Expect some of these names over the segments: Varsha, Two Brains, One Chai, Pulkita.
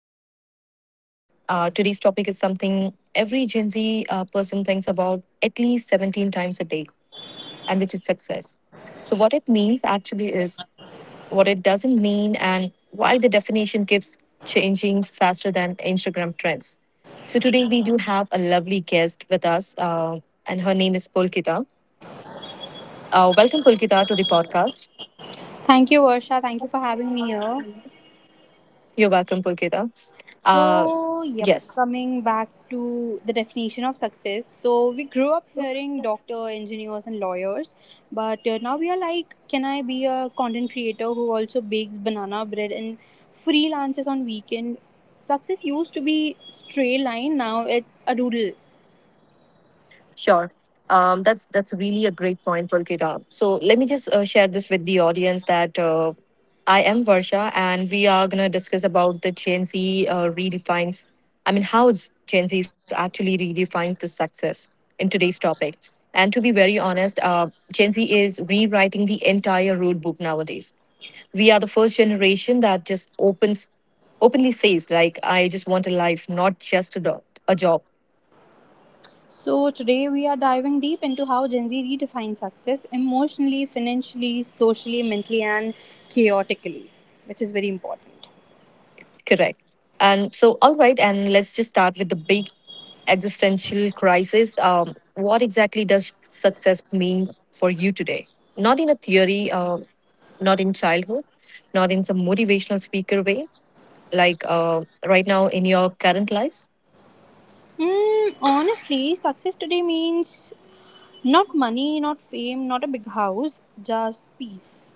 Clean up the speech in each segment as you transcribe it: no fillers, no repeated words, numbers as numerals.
Brains, One Chai. Today's topic is something every Gen Z person thinks about at least 17 times a day, and which is success. So, what it means actually is what it doesn't mean, and why the definition keeps changing faster than Instagram trends. So, today we do have a lovely guest with us, and her name is Pulkita. Welcome, Pulkita, to the podcast. Thank you, Varsha. Thank you for having me here. You're welcome, Pulkita. Uh, So, yep, yes. coming back to the definition of success. So, we grew up hearing doctor, engineers, and lawyers, but now we are like, can I be a content creator who also bakes banana bread and freelances on weekend? Success used to be straight line, now it's a doodle. Sure. That's really a great point, Pulkita. So let me just share this with the audience that I am Varsha, and we are gonna discuss about the Gen Z redefines. I mean, Gen Z actually redefines the success in today's topic. And to be very honest, Gen Z is rewriting the entire rule book nowadays. We are the first generation that just opens openly says like, "I just want a life, not just a job." So, today we are diving deep into how Gen Z redefines success emotionally, financially, socially, mentally, and chaotically, which is very important. Correct. All right, and let's just start with the big existential crisis. What exactly does success mean for you today? Not in a theory, not in childhood, not in some motivational speaker way, like right now in your current lives. Honestly, success today means not money, not fame, not a big house, just peace.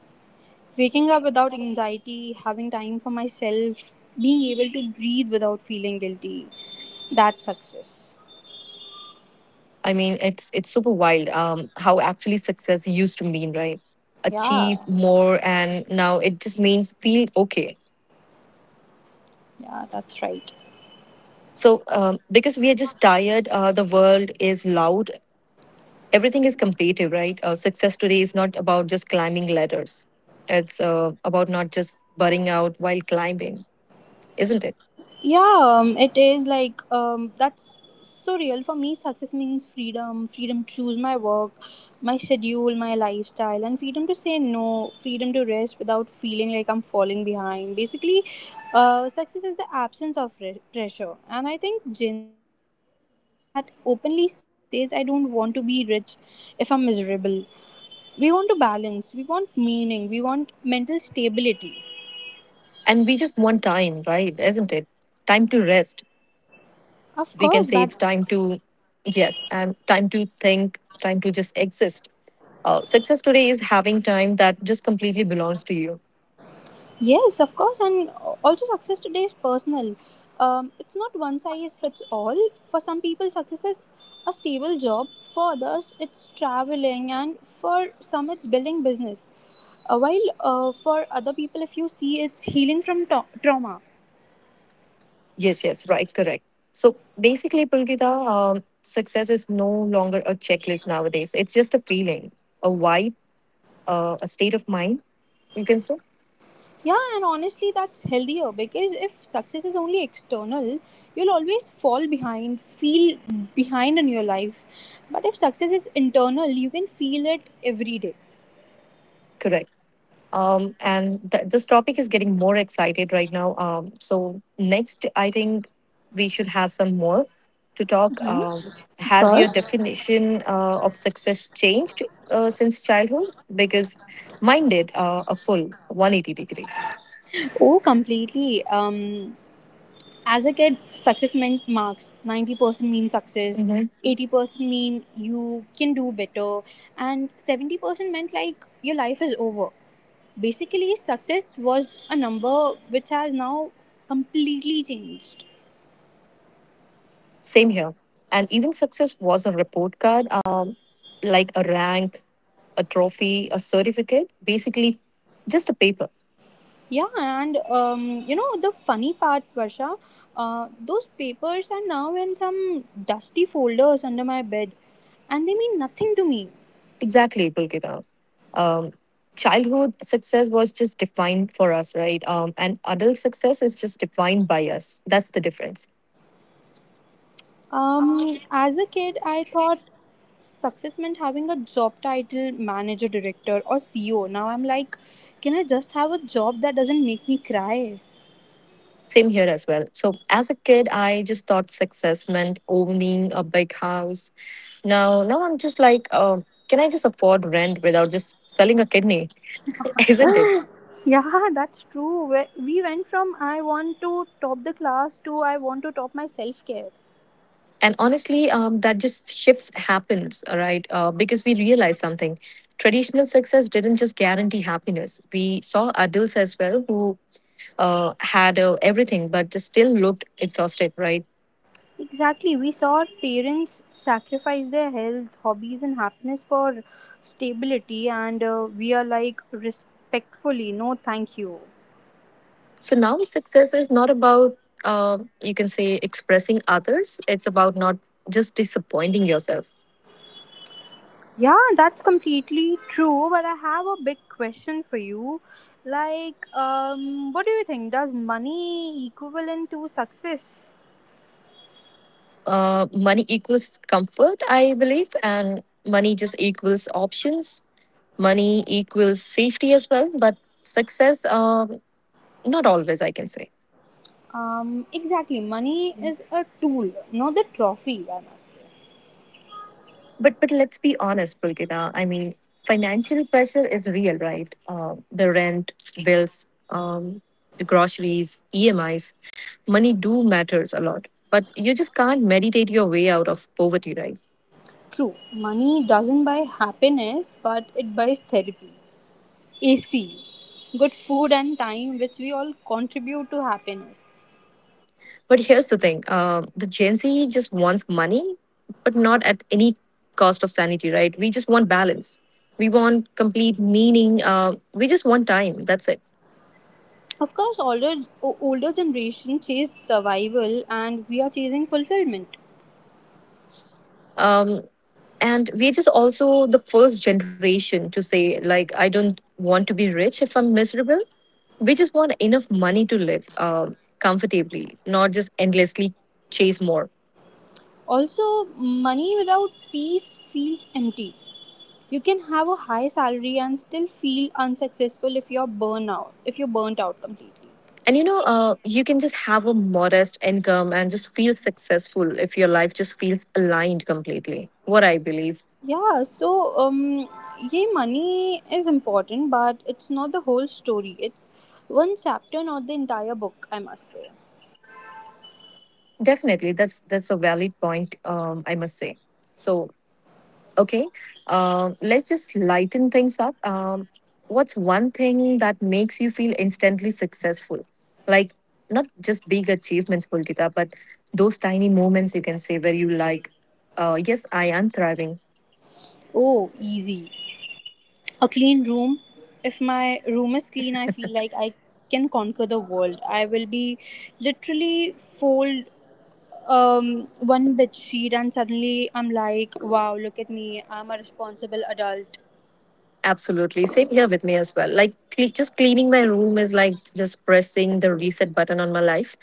Waking up without anxiety, having time for myself, being able to breathe without feeling guilty. That's success. I mean, it's super wild how actually success used to mean, right? Yeah, Achieve more, and now it just means feel okay. yeah, that's right. So, because we are just tired, the world is loud, everything is competitive, right? Success today is not about just climbing ladders. It's about not just burning out while climbing, isn't it? Yeah, it is like that's so real for me. Success means freedom, freedom to choose my work, my schedule, my lifestyle, and freedom to say no, freedom to rest without feeling like I'm falling behind. Basically, success is the absence of pressure, and I think Gen Z is the first generation that openly says, "I don't want to be rich if I'm miserable." We want to balance. We want meaning. We want mental stability. And we just want time, right? Isn't it? Time to rest. Of We can course, say that. time to, yes, and time to think, time to just exist. Success today is having time that just completely belongs to you. Yes, of course, and also success today is personal. It's not one size fits all. For some people, success is a stable job. For others, it's traveling, and for some, it's building business. While for other people, if you see, it's healing from trauma. Yes, yes, right, correct. So basically, Pulkita, success is no longer a checklist nowadays. It's just a feeling, a vibe, a state of mind, you can say? Yeah, and honestly, that's healthier because if success is only external, you'll always fall behind, feel behind in your life. But if success is internal, you can feel it every day. Correct. This topic is getting more excited right now. So, next, I think we should have some more to talk. Mhm. Of Has your course. definition of success changed since childhood? Because mine did a full 180 degree. Oh, completely. As a kid, success meant marks. 90% mean success, Mhm. 80% mean you can do better, and 70% meant like your life is over. Basically, success was a number which has now completely changed. Same here. And even success was a report card, like a rank, a trophy, a certificate, basically just a paper. Yeah, and you know, the funny part, Varsha, those papers are now in some dusty folders under my bed, and they mean nothing to me. Exactly, Pulkita. Um, childhood success was just defined for us, right? And adult success is just defined by us. That's the difference. Um, As a kid, I thought success meant having a job title, manager, director, or CEO. Now I'm like, can I just have a job that doesn't make me cry? Same here as well. So, as a kid, I just thought success meant owning a big house. Now I'm just like, can I just afford rent without just selling a kidney? Isn't it? Yeah, that's true. We went from I want to top the class to I want to top my self care. And honestly, that just shifts happens, all right, because we realize something. Traditional success didn't just guarantee happiness. We saw adults as well who had everything, but just still looked exhausted, right? Exactly. We saw our parents sacrifice their health, hobbies, and happiness for stability, and we are like, respectfully, no thank you. So now success is not about, you can say, expressing others. It's about not just disappointing yourself. Yeah, that's completely true. But I have a big question for you. Like, what do you think? Does money equivalent to success? Money equals comfort, I believe, and money just equals options. Money equals safety as well, but success not always, I can say. Exactly. Money is a tool, not the trophy. I must say. But let's be honest, Pulkita. I mean, financial pressure is real, right? The rent, bills, the groceries, EMIs, money do matters a lot. But you just can't meditate your way out of poverty, right? True. Money doesn't buy happiness, but it buys therapy, AC, good food, and time, which we all contribute to happiness. But here's the thing: the Gen Z just wants money, but not at any cost of sanity, right? We just want balance. We want complete meaning. We just want time. That's it. Of course, older older generation chased survival, and we are chasing fulfillment. Um, and we're just also the first generation to say like, I don't want to be rich if I'm miserable. We just want enough money to live comfortably, not just endlessly chase more. Also, money without peace feels empty. You can have a high salary and still feel unsuccessful if you're burnt out. If you're burnt out completely. And you know, you can just have a modest income and just feel successful if your life just feels aligned completely, what I believe. Yeah. So, yeah, money is important, but it's not the whole story. It's one chapter, not the entire book. I must say. Definitely, that's a valid point, I must say. So okay, um, let's just lighten things up. What's one thing that makes you feel instantly successful? Like, not just big achievements, Pulkita, but those tiny moments you can say where you like, yes, I am thriving. Oh, easy. A clean room. If my room is clean, I feel like I can conquer the world. I will be literally fold one bit sheet and suddenly I'm like wow, look at me, I'm a responsible adult. Absolutely. Same here with me as well. Like, cle just cleaning my room is like just pressing the reset button on my life.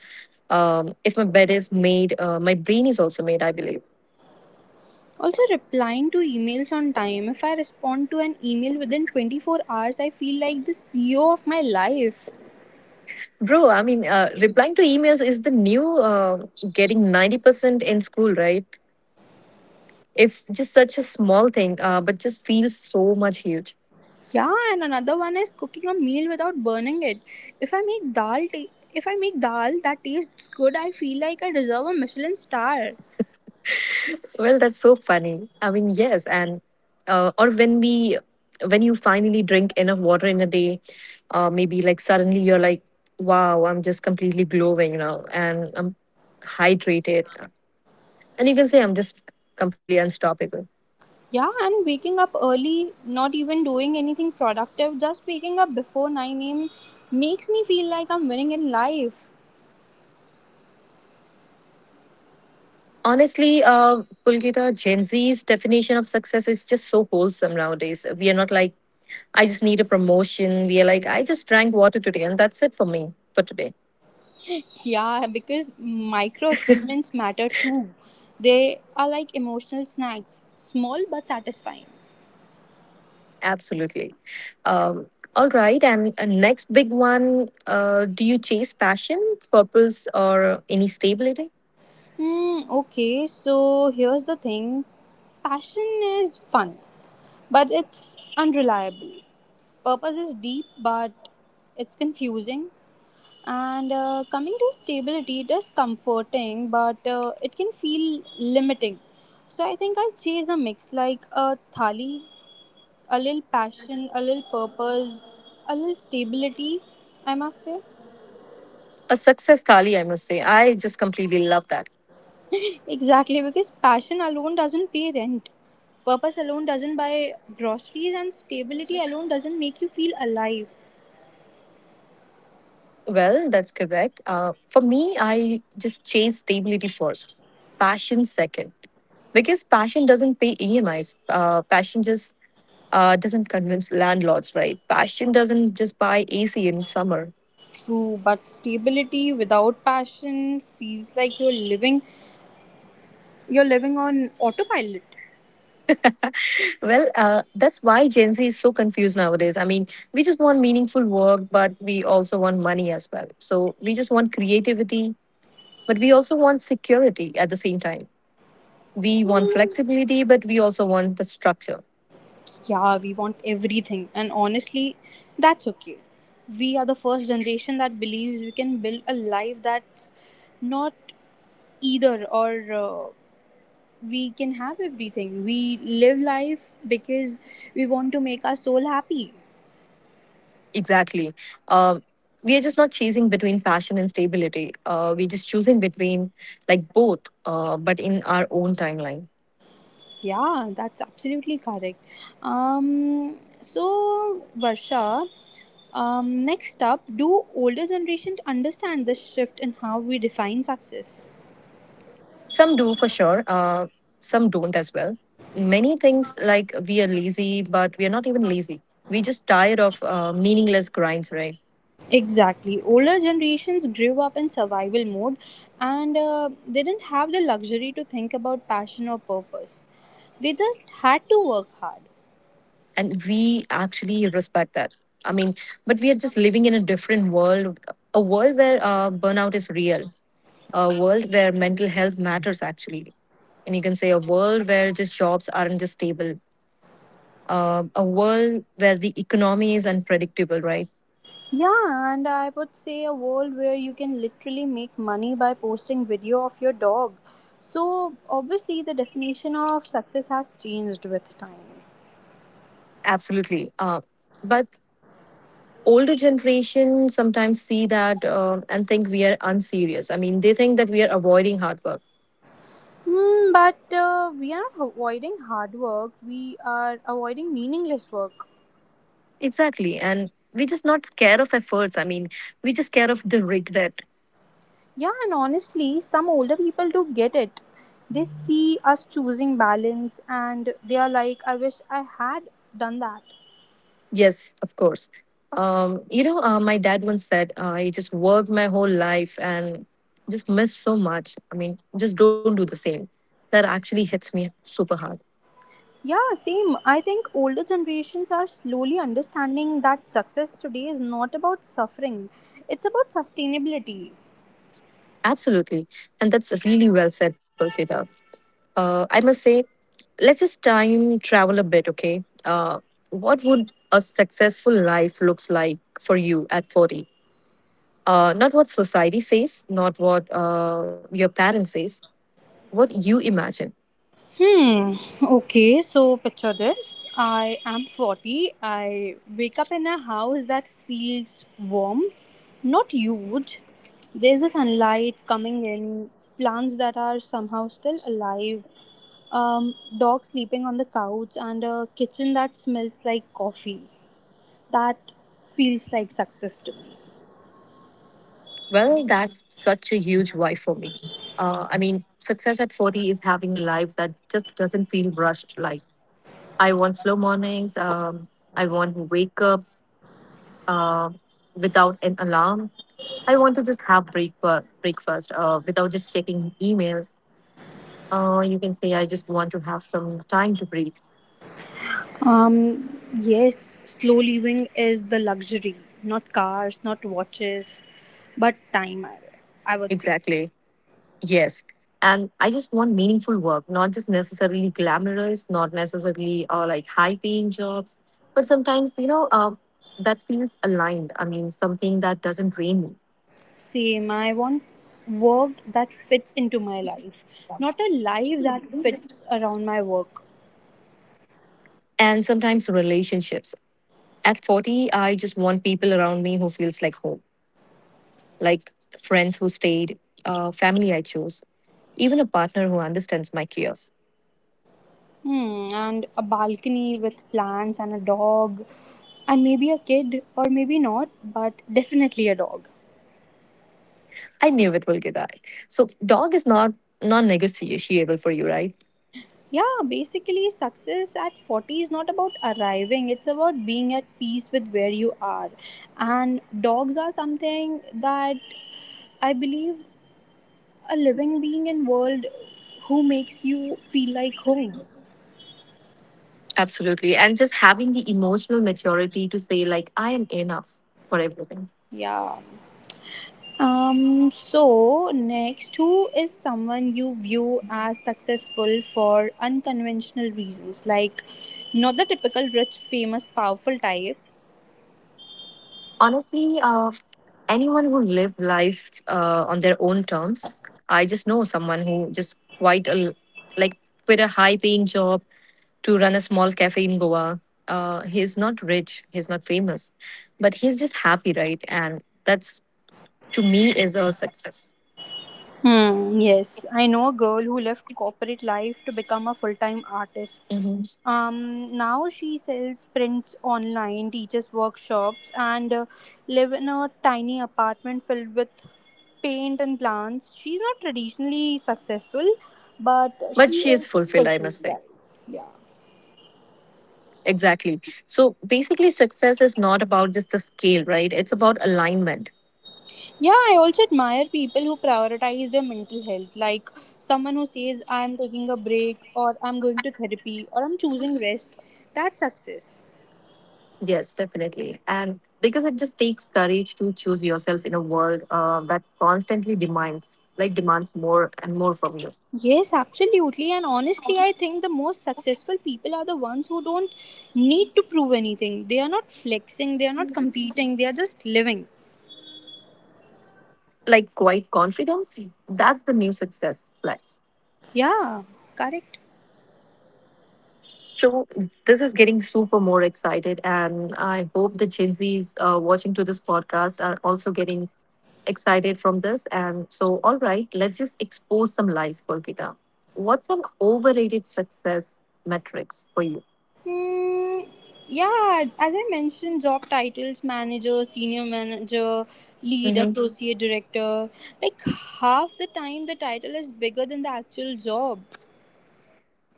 If my bed is made, my brain is also made, I believe. Also replying to emails on time. If I respond to an email within 24 hours, I feel like the CEO of my life. Bro, I mean, replying to emails is the new getting 90% in school, right? It's just such a small thing, but just feels so much huge. Yeah, and another one is cooking a meal without burning it. If I make dal ta- If I make dal that tastes good, I feel like I deserve a Michelin star. Well, that's so funny. I mean, yes. And, uh, or when we, when you finally drink enough water in a day, maybe like suddenly you're like, wow, I'm just completely glowing now and I'm hydrated. And you can say I'm just completely unstoppable. Yeah, and waking up early, not even doing anything productive, just waking up before 9 a.m. makes me feel like I'm winning in life. Honestly, Pulkita, Gen Z's definition of success is just so wholesome nowadays. We are not like, I just need a promotion. We are like, I just drank water today and that's it for me for today. Yeah, because micro achievements matter too. They are like emotional snacks, small but satisfying. Absolutely. Um, all right. And next big one, do you chase passion, purpose, or any stability? Hmm, okay, so here's the thing. Passion is fun, but it's unreliable. Purpose is deep, but it's confusing. And coming to stability, it is comforting, but it can feel limiting. So I think I chase a mix like a thali, a little passion, a little purpose, a little stability, I must say. A success thali, I must say. I just completely love that. Exactly, because passion alone doesn't pay rent. Purpose alone doesn't buy groceries, and stability alone doesn't make you feel alive. Well, that's correct. For me, I just chase stability first, passion second, because passion doesn't pay EMIs. Passion just doesn't convince landlords, right? Passion doesn't just buy AC in summer. True, but stability without passion feels like you're living on autopilot. Well, that's why Gen Z is so confused nowadays. I mean, we just want meaningful work, but we also want money as well. So we just want creativity, but we also want security at the same time. We want flexibility, but we also want the structure. Yeah, we want everything. And honestly, that's okay. We are the first generation that believes we can build a life that's not either or. uh, we can have everything. We live life because we want to make our soul happy. Exactly. Uh, we are just not choosing between passion and stability. We're just choosing between like both, but in our own timeline. Yeah, that's absolutely correct. So, Varsha, next up, do older generations understand the shift in how we define success? Some do for sure, some don't as well. Many things like we are lazy, but we are not even lazy. We just tired of meaningless grinds, right? Exactly. Older generations grew up in survival mode and they didn't have the luxury to think about passion or purpose. They just had to work hard. And we actually respect that. I mean, but we are just living in a different world, a world where burnout is real, a world where mental health matters actually. And you can say a world where just jobs aren't just stable, a world where the economy is unpredictable, right? Yeah, and I would say a world where you can literally make money by posting video of your dog. So, obviously, the definition of success has changed with time. Absolutely. But older generation sometimes see that and think we are unserious. I mean, they think that we are avoiding hard work. Hmm, but we are avoiding hard work, we are avoiding meaningless work. Exactly. And we just not scared of efforts. I mean, we just scared of the regret. Yeah, and honestly, some older people do get it. They see us choosing balance and they are like, I wish I had done that. Yes, of course. You know, my dad once said, I just worked my whole life and just missed so much. I mean, just don't do the same. That actually hits me super hard. Yeah, same. I think older generations are slowly understanding that success today is not about suffering, it's about sustainability. Absolutely. And that's really well said, Pulkita. I must say, let's just time travel a bit, okay? What would a successful life looks like for you at 40? Not what society says, not what your parents says, what you imagine. Hmm. Okay, so picture this. I am 40. I wake up in a house that feels warm, not huge. There's a sunlight coming in, plants that are somehow still alive, dogs sleeping on the couch, and a kitchen that smells like coffee. That feels like success to me. Well, that's such a huge why for me. I mean, success at 40 is having a life that just doesn't feel rushed. Like, I want slow mornings. I want to wake up uh, without an alarm. I want to just have breakfast without just checking emails. You can say, I just want to have some time to breathe. Yes, slow living is the luxury, not cars, not watches, but time, I would say. Exactly. Yes. And I just want meaningful work, not just necessarily glamorous, not necessarily like high paying jobs, but sometimes, you know, that feels aligned. I mean, something that doesn't drain me. Same, I want work that fits into my life, not a life that fits around my work. And sometimes relationships. At 40, I just want people around me who feels like home, like friends who stayed, family I chose, even a partner who understands my chaos. Hmm, and a balcony with plants and a dog, and maybe a kid, or maybe not, but definitely a dog. I knew it will get that. So, dog is not non negotiable for you, right? Yeah, basically, success at 40 is not about arriving, it's about being at peace with where you are. And dogs are something that I believe a living being in world who makes you feel like home. Absolutely. And just having the emotional maturity to say, like, I am enough for everything. Yeah. So next, who is someone you view as successful for unconventional reasons, like not the typical rich famous powerful type? Honestly, anyone who lived life on their own terms, I just know someone who just like quit a high paying job to run a small cafe in Goa. He's not rich, he's not famous, but he's just happy, right? And that's to me is a success. Hmm, yes, I know a girl who left corporate life to become a full time artist. Mhm. Um, Now she sells prints online, teaches workshops, and live in a tiny apartment filled with paint and plants. She's not traditionally successful, but But she she is is fulfilled, I must fulfilled, say. right? Yeah. Exactly. So basically, success is not about just the scale, right? It's about alignment. Yeah, I also admire people who prioritize their mental health, like someone who says, I'm taking a break, or I'm going to therapy, or I'm choosing rest. That's success. Yes, definitely. And because it just takes courage to choose yourself in a world that constantly demands, like demands more and more from you. Yes, absolutely. And honestly, I think the most successful people are the ones who don't need to prove anything. They are not flexing, they are not competing, they are just living. Like quite confidence, that's the new success flex. Yeah, correct. So this is getting super more excited, and I hope the Gen Zs watching to this podcast are also getting excited from this. And so, all right, let's just expose some lies, Pulkita. What's an overrated success metrics for you? Hmm. Yeah, as I mentioned, job titles manager, senior manager, lead, hmm associate director, like half the time the title is bigger than the actual job.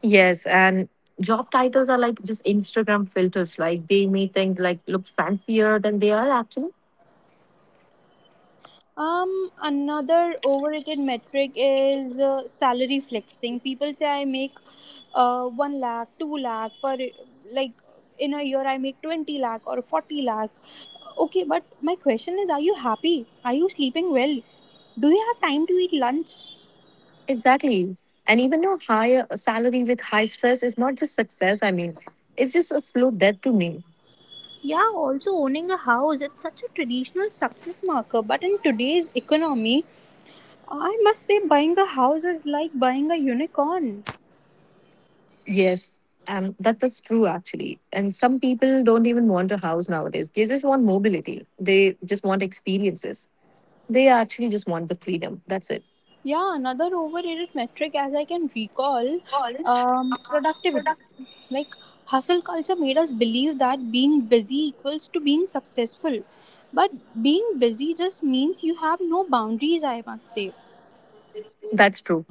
Yes, and job titles are like just Instagram filters. Like they may think like look fancier than they are actually. Another overrated metric is salary flexing. People say I make 1 lakh, 2 lakh per, like, in a year I make 20 lakh or 40 lakh. Okay, but my question is, are you happy? Are you sleeping well? Do you have time to eat lunch? Exactly. And even though higher a salary with high stress is not just success, I mean, it's just a slow death to me. Yeah, also owning a house, it's such a traditional success marker. But in today's economy, I must say buying a house is like buying a unicorn. Yes, and that is true actually. And some people don't even want a house nowadays. They just want mobility. They just want experiences. They actually just want the freedom. That's it. Yeah, another overrated metric, as I can recall, productivity. Like hustle culture made us believe that being busy equals to being successful, but being busy just means you have no boundaries. I must say, That's true.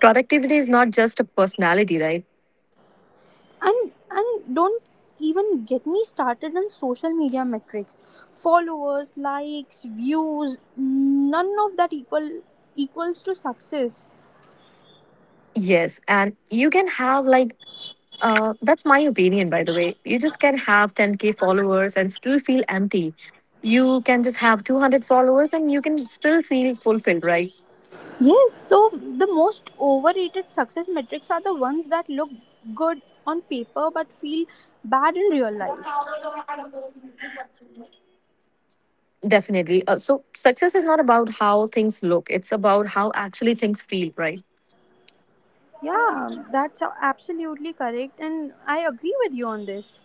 Productivity is not just a personality, right? and don't even get me started on social media metrics, followers, likes, views. None of that equals to success. Yes, and you can have like that's my opinion by the way. You just can have 10k followers and still feel empty. You can just have 200 followers and you can still feel fulfilled, right? Yes, so the most overrated success metrics are the ones that look good on paper but feel bad in real life. Definitely. So success is not about how things look, it's about how actually things feel, right? Yeah, that's absolutely correct, and I agree with you on this.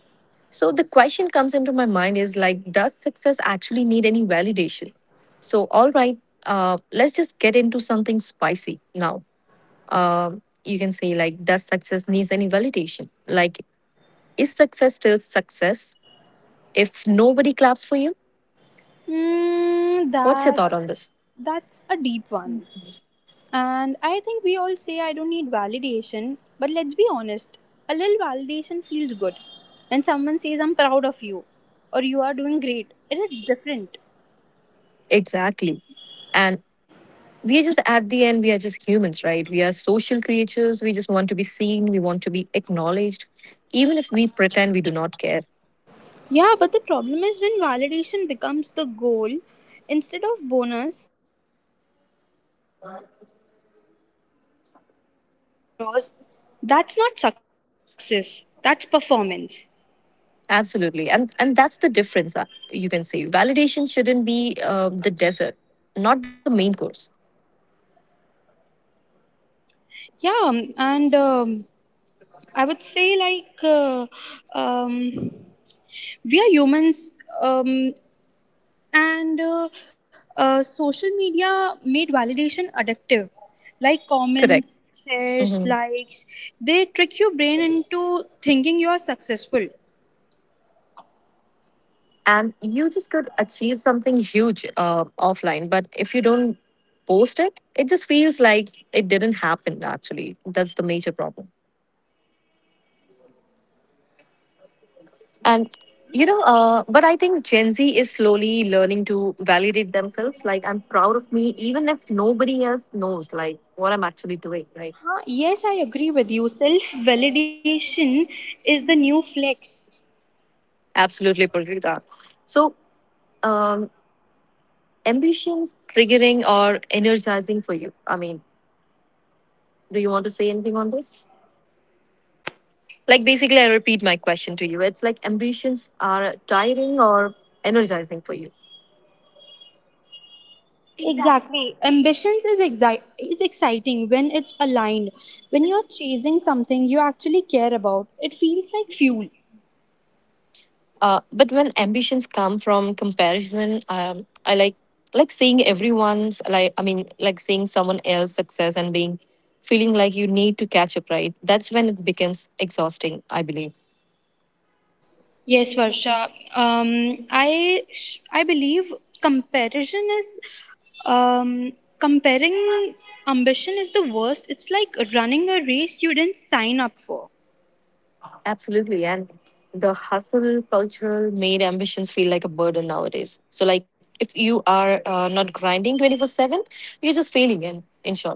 So, the question comes into my mind is like, does success actually need any validation? So, all right, let's just get into something spicy now. Uh, you can say, like, does success needs any validation? Like, is success still success if nobody claps for you? Mm, What's your thought on this? that's a deep one, and I think we all say I don't need validation, but let's be honest, a little validation feels good, and someone says I'm proud of you, or you are doing great. It is different. Exactly. And we are just at the end, we are just humans, right? We are social creatures. We just want to be seen. We want to be acknowledged, even if we pretend we do not care. Yeah, but the problem is when validation becomes the goal instead of bonus. Because that's not success, that's performance. Absolutely, and that's the difference. You can say validation shouldn't be the desert, not the main course. Yeah, and I would say um, we are humans, um, and social media made validation addictive. Like Correct. comments, shares, hmm likes, they trick your brain into thinking you are successful. And you just could achieve something huge offline, but if you don't post it, it just feels like it didn't happen. Actually, that's the major problem. And but I think Gen Z is slowly learning to validate themselves. Like I'm proud of me, even if nobody else knows like what I'm actually doing. Right? Huh, yes, I agree with you. Self validation is the new flex. Absolutely, Pulkrita. So, um, ambitions triggering or energizing for you. I mean, do you want to say anything on this? Like basically, I repeat my question to you. It's like ambitions are tiring or energizing for you. Exactly. Ambitions is exciting when it's aligned. When you're chasing something you actually care about, it feels like fuel. But when ambitions come from comparison, I like seeing everyone's like I mean like seeing someone else's success and being feeling like you need to catch up. Right, that's when it becomes exhausting. I believe Yes, Varsha. I believe comparison is um, comparing ambition is the worst. It's like running a race you didn't sign up for. absolutely, and the hustle cultural made ambitions feel like a burden nowadays. So like if you are not grinding 24/7, you're just failing. In short,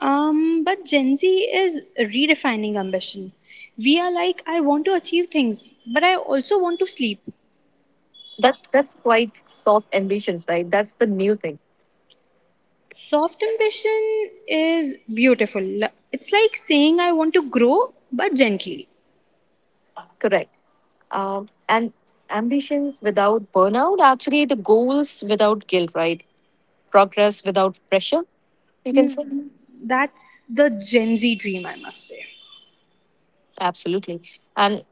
But Gen Z is redefining ambition. We are like, I want to achieve things, but I also want to sleep. That's quite soft ambitions, right? That's the new thing. Soft ambition is beautiful. It's like saying I want to grow, but gently. Correct. And ambitions without burnout, actually, the goals without guilt, right? Progress without pressure, you can Hmm. say. That's the Gen Z dream, I must say. Absolutely. And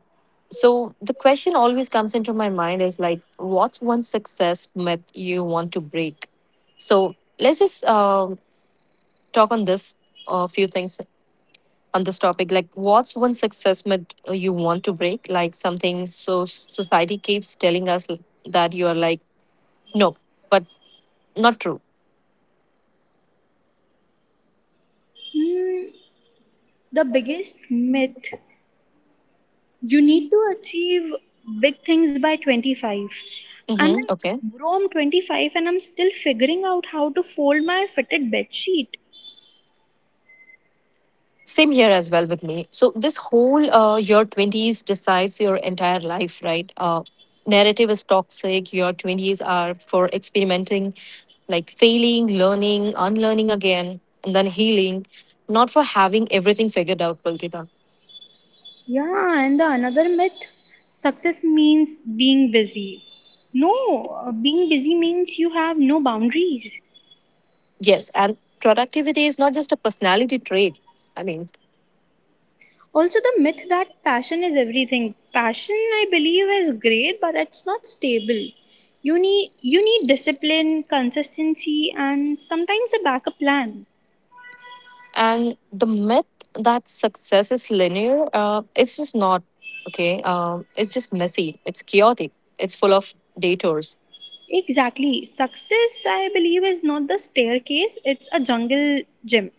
so the question always comes into my mind is like, what's one success myth you want to break? So let's just talk on this a few things on this topic. Like, what's one success myth you want to break? Like something so society keeps telling us that you are like, no, but not true. Hmm, the biggest myth, you need to achieve big things by 25. I'm Mm-hmm. like, Okay. bro, I'm 25 and I'm still figuring out how to fold my fitted bed sheet. Same here as well with me. So this whole your twenties decides your entire life, right? Narrative is toxic. Your twenties are for experimenting, like failing, learning, unlearning again, and then healing, not for having everything figured out, Pulkita. Yeah, and the another myth, success means being busy. No, being busy means you have no boundaries. Yes, and productivity is not just a personality trait. I mean, Also, the myth that passion is everything. Passion, I believe, is great, but it's not stable. You need discipline, consistency, and sometimes a backup plan. and the myth that success is linear, it's just not okay. It's just messy. It's chaotic. It's full of detours Exactly. Success, I believe, is not the staircase, it's a jungle gym.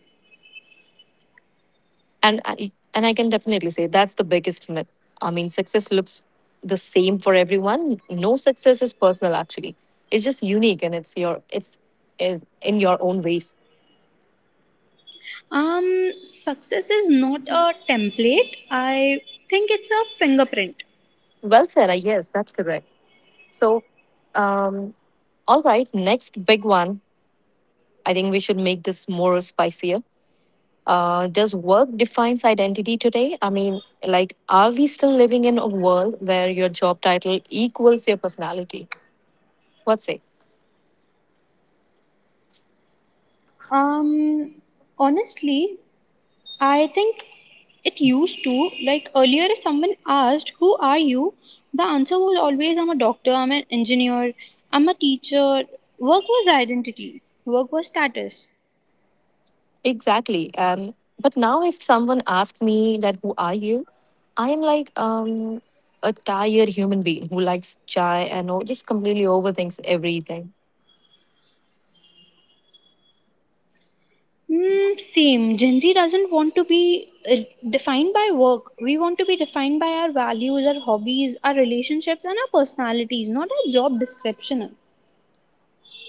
and I can definitely say that's the biggest myth. I mean, success looks the same for everyone. No success is personal. Actually, it's just unique and it's your it's in your own ways. Success is not a template. I think it's a fingerprint. Well said. I guess that's correct. So, um, all right, next big one. I think we should make this more spicier. Does work defines identity today? I mean, like, are we still living in a world where your job title equals your personality? What say? Um, honestly, I think it used to. Like earlier, if someone asked, who are you? The answer was always, I'm a doctor, I'm an engineer, I'm a teacher. Work was identity, work was status. Exactly. And but now if someone asks me that who are you? I am like a tired human being who likes chai and all, just completely overthinks everything. Mm, same. Gen Z doesn't want to be defined by work. We want to be defined by our values, our hobbies, our relationships, and our personalities, not our job description.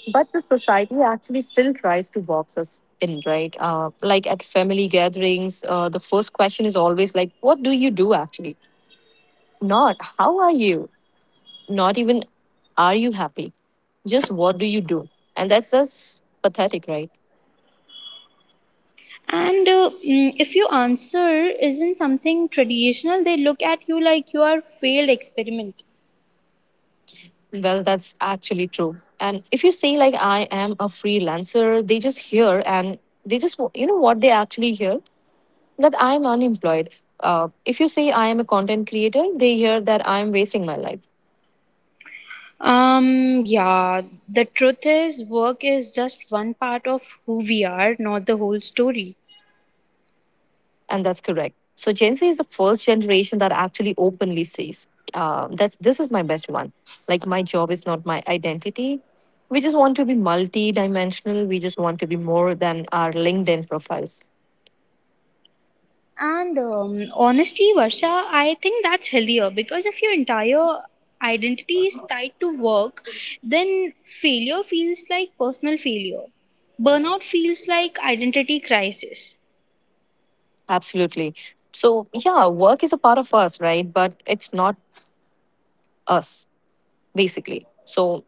But the society actually still tries to box us in, right? Like at family gatherings, the first question is always like, "What do you do?" Actually, not "How are you?" Not even "Are you happy?" Just "What do you do?" And that's just pathetic, right? And if your answer isn't something traditional, they look at you like you are failed experiment. Well, that's actually true. And if you say like I am a freelancer, they just hear and they just you know what they actually hear that I am unemployed. If you say I am a content creator, they hear that I am wasting my life, Yeah, the truth is, work is just one part of who we are, not the whole story. and that's correct. So Gen Z is the first generation that actually openly says that this is my best one. Like my job is not my identity. We just want to be multi-dimensional. We just want to be more than our LinkedIn profiles. And honestly, Varsha, I think that's healthier because if your entire identity is tied to work, then failure feels like personal failure. Burnout feels like identity crisis. Absolutely. So, yeah, work is a part of us, right? But it's not us, basically. So,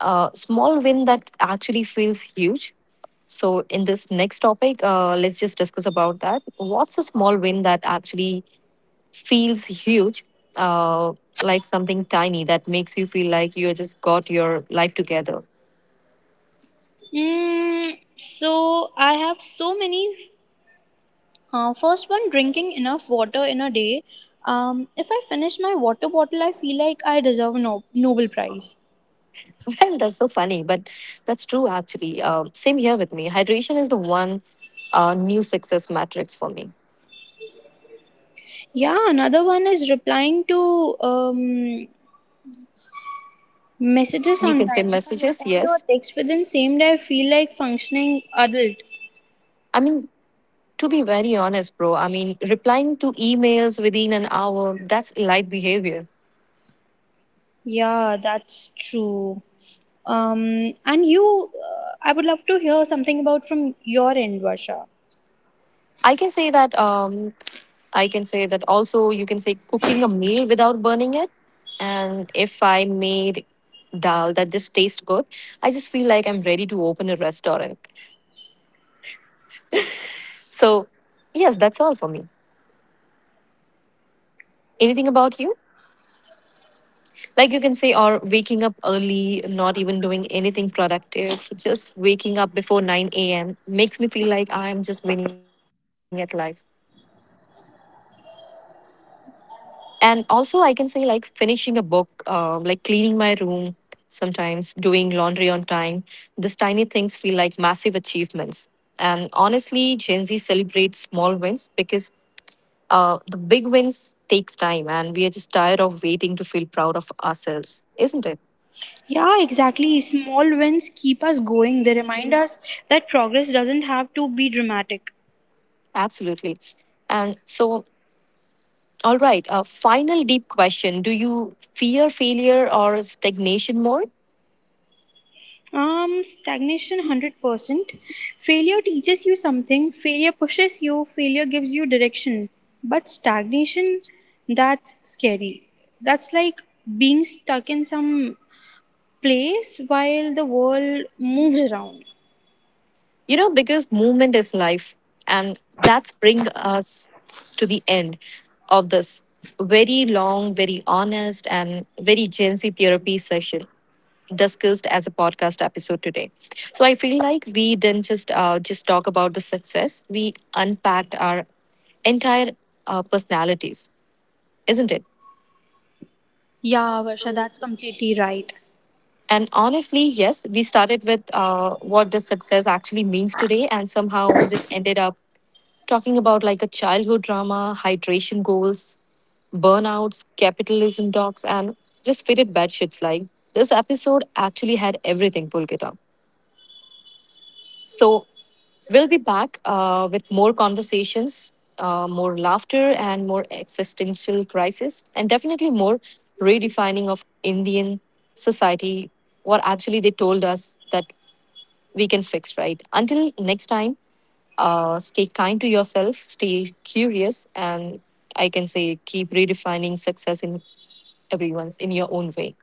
small win that actually feels huge. So, in this next topic, let's just discuss about that. What's a small win that actually feels huge, uh, like something tiny that makes you feel like you just got your life together? Mm, so I have so many. First one, drinking enough water in a day. If I finish my water bottle, I feel like I deserve a Nobel Prize. Well, that's so funny, but that's true actually. Same here with me. Hydration is the one new success matrix for me. Yeah, another one is replying to messages You on can send time. If I messages, respond to a yes. text within same day, I feel like functioning adult. I mean, to be very honest, bro, I mean, replying to emails within an hour, that's light behavior. Yeah, that's true. And you, I would love to hear something about from your end, Varsha. I can say that, I can say that also, you can say cooking a meal without burning it. And if I made dal that just tastes good, I just feel like I'm ready to open a restaurant. So, yes, that's all for me. Anything about you? Like you can say, or waking up early, not even doing anything productive, just waking up before 9 a.m. makes me feel like I'm just winning at life. And also, I can say, like, finishing a book, like cleaning my room sometimes, doing laundry on time. These tiny things feel like massive achievements. And honestly, Gen Z celebrates small wins because the big wins takes time and we are just tired of waiting to feel proud of ourselves, isn't it? Yeah, exactly. Small wins keep us going. They remind us that progress doesn't have to be dramatic. Absolutely. And so all right. A final deep question. Do you fear failure or stagnation more? Stagnation 100%. Failure teaches you something, failure pushes you, failure gives you direction. But stagnation, that's scary. That's like being stuck in some place while the world moves around. You know, because movement is life. And that's bring us to the end of this very long, very honest, and very Gen Z therapy session discussed as a podcast episode today. So I feel like we didn't just talk about the success. We unpacked our entire personalities, isn't it? Yeah, Varsha, that's completely right. And honestly, yes, we started with what does success actually means today, and somehow just ended up talking about like a childhood drama, hydration goals, burnouts, capitalism talks, and just fitted bad shits. Like this episode actually had everything, Pulkita. So we'll be back with more conversations, more laughter, and more existential crisis, and definitely more redefining of Indian society. What actually they told us that we can fix, right? Until next time, stay kind to yourself, stay curious, and I can say keep redefining success in everyone's, in your own way.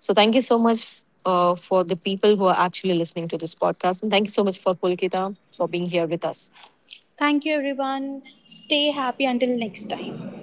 So thank you so much for the people who are actually listening to this podcast. And thank you so much for Pulkita for being here with us. Thank you, everyone. Stay happy until next time.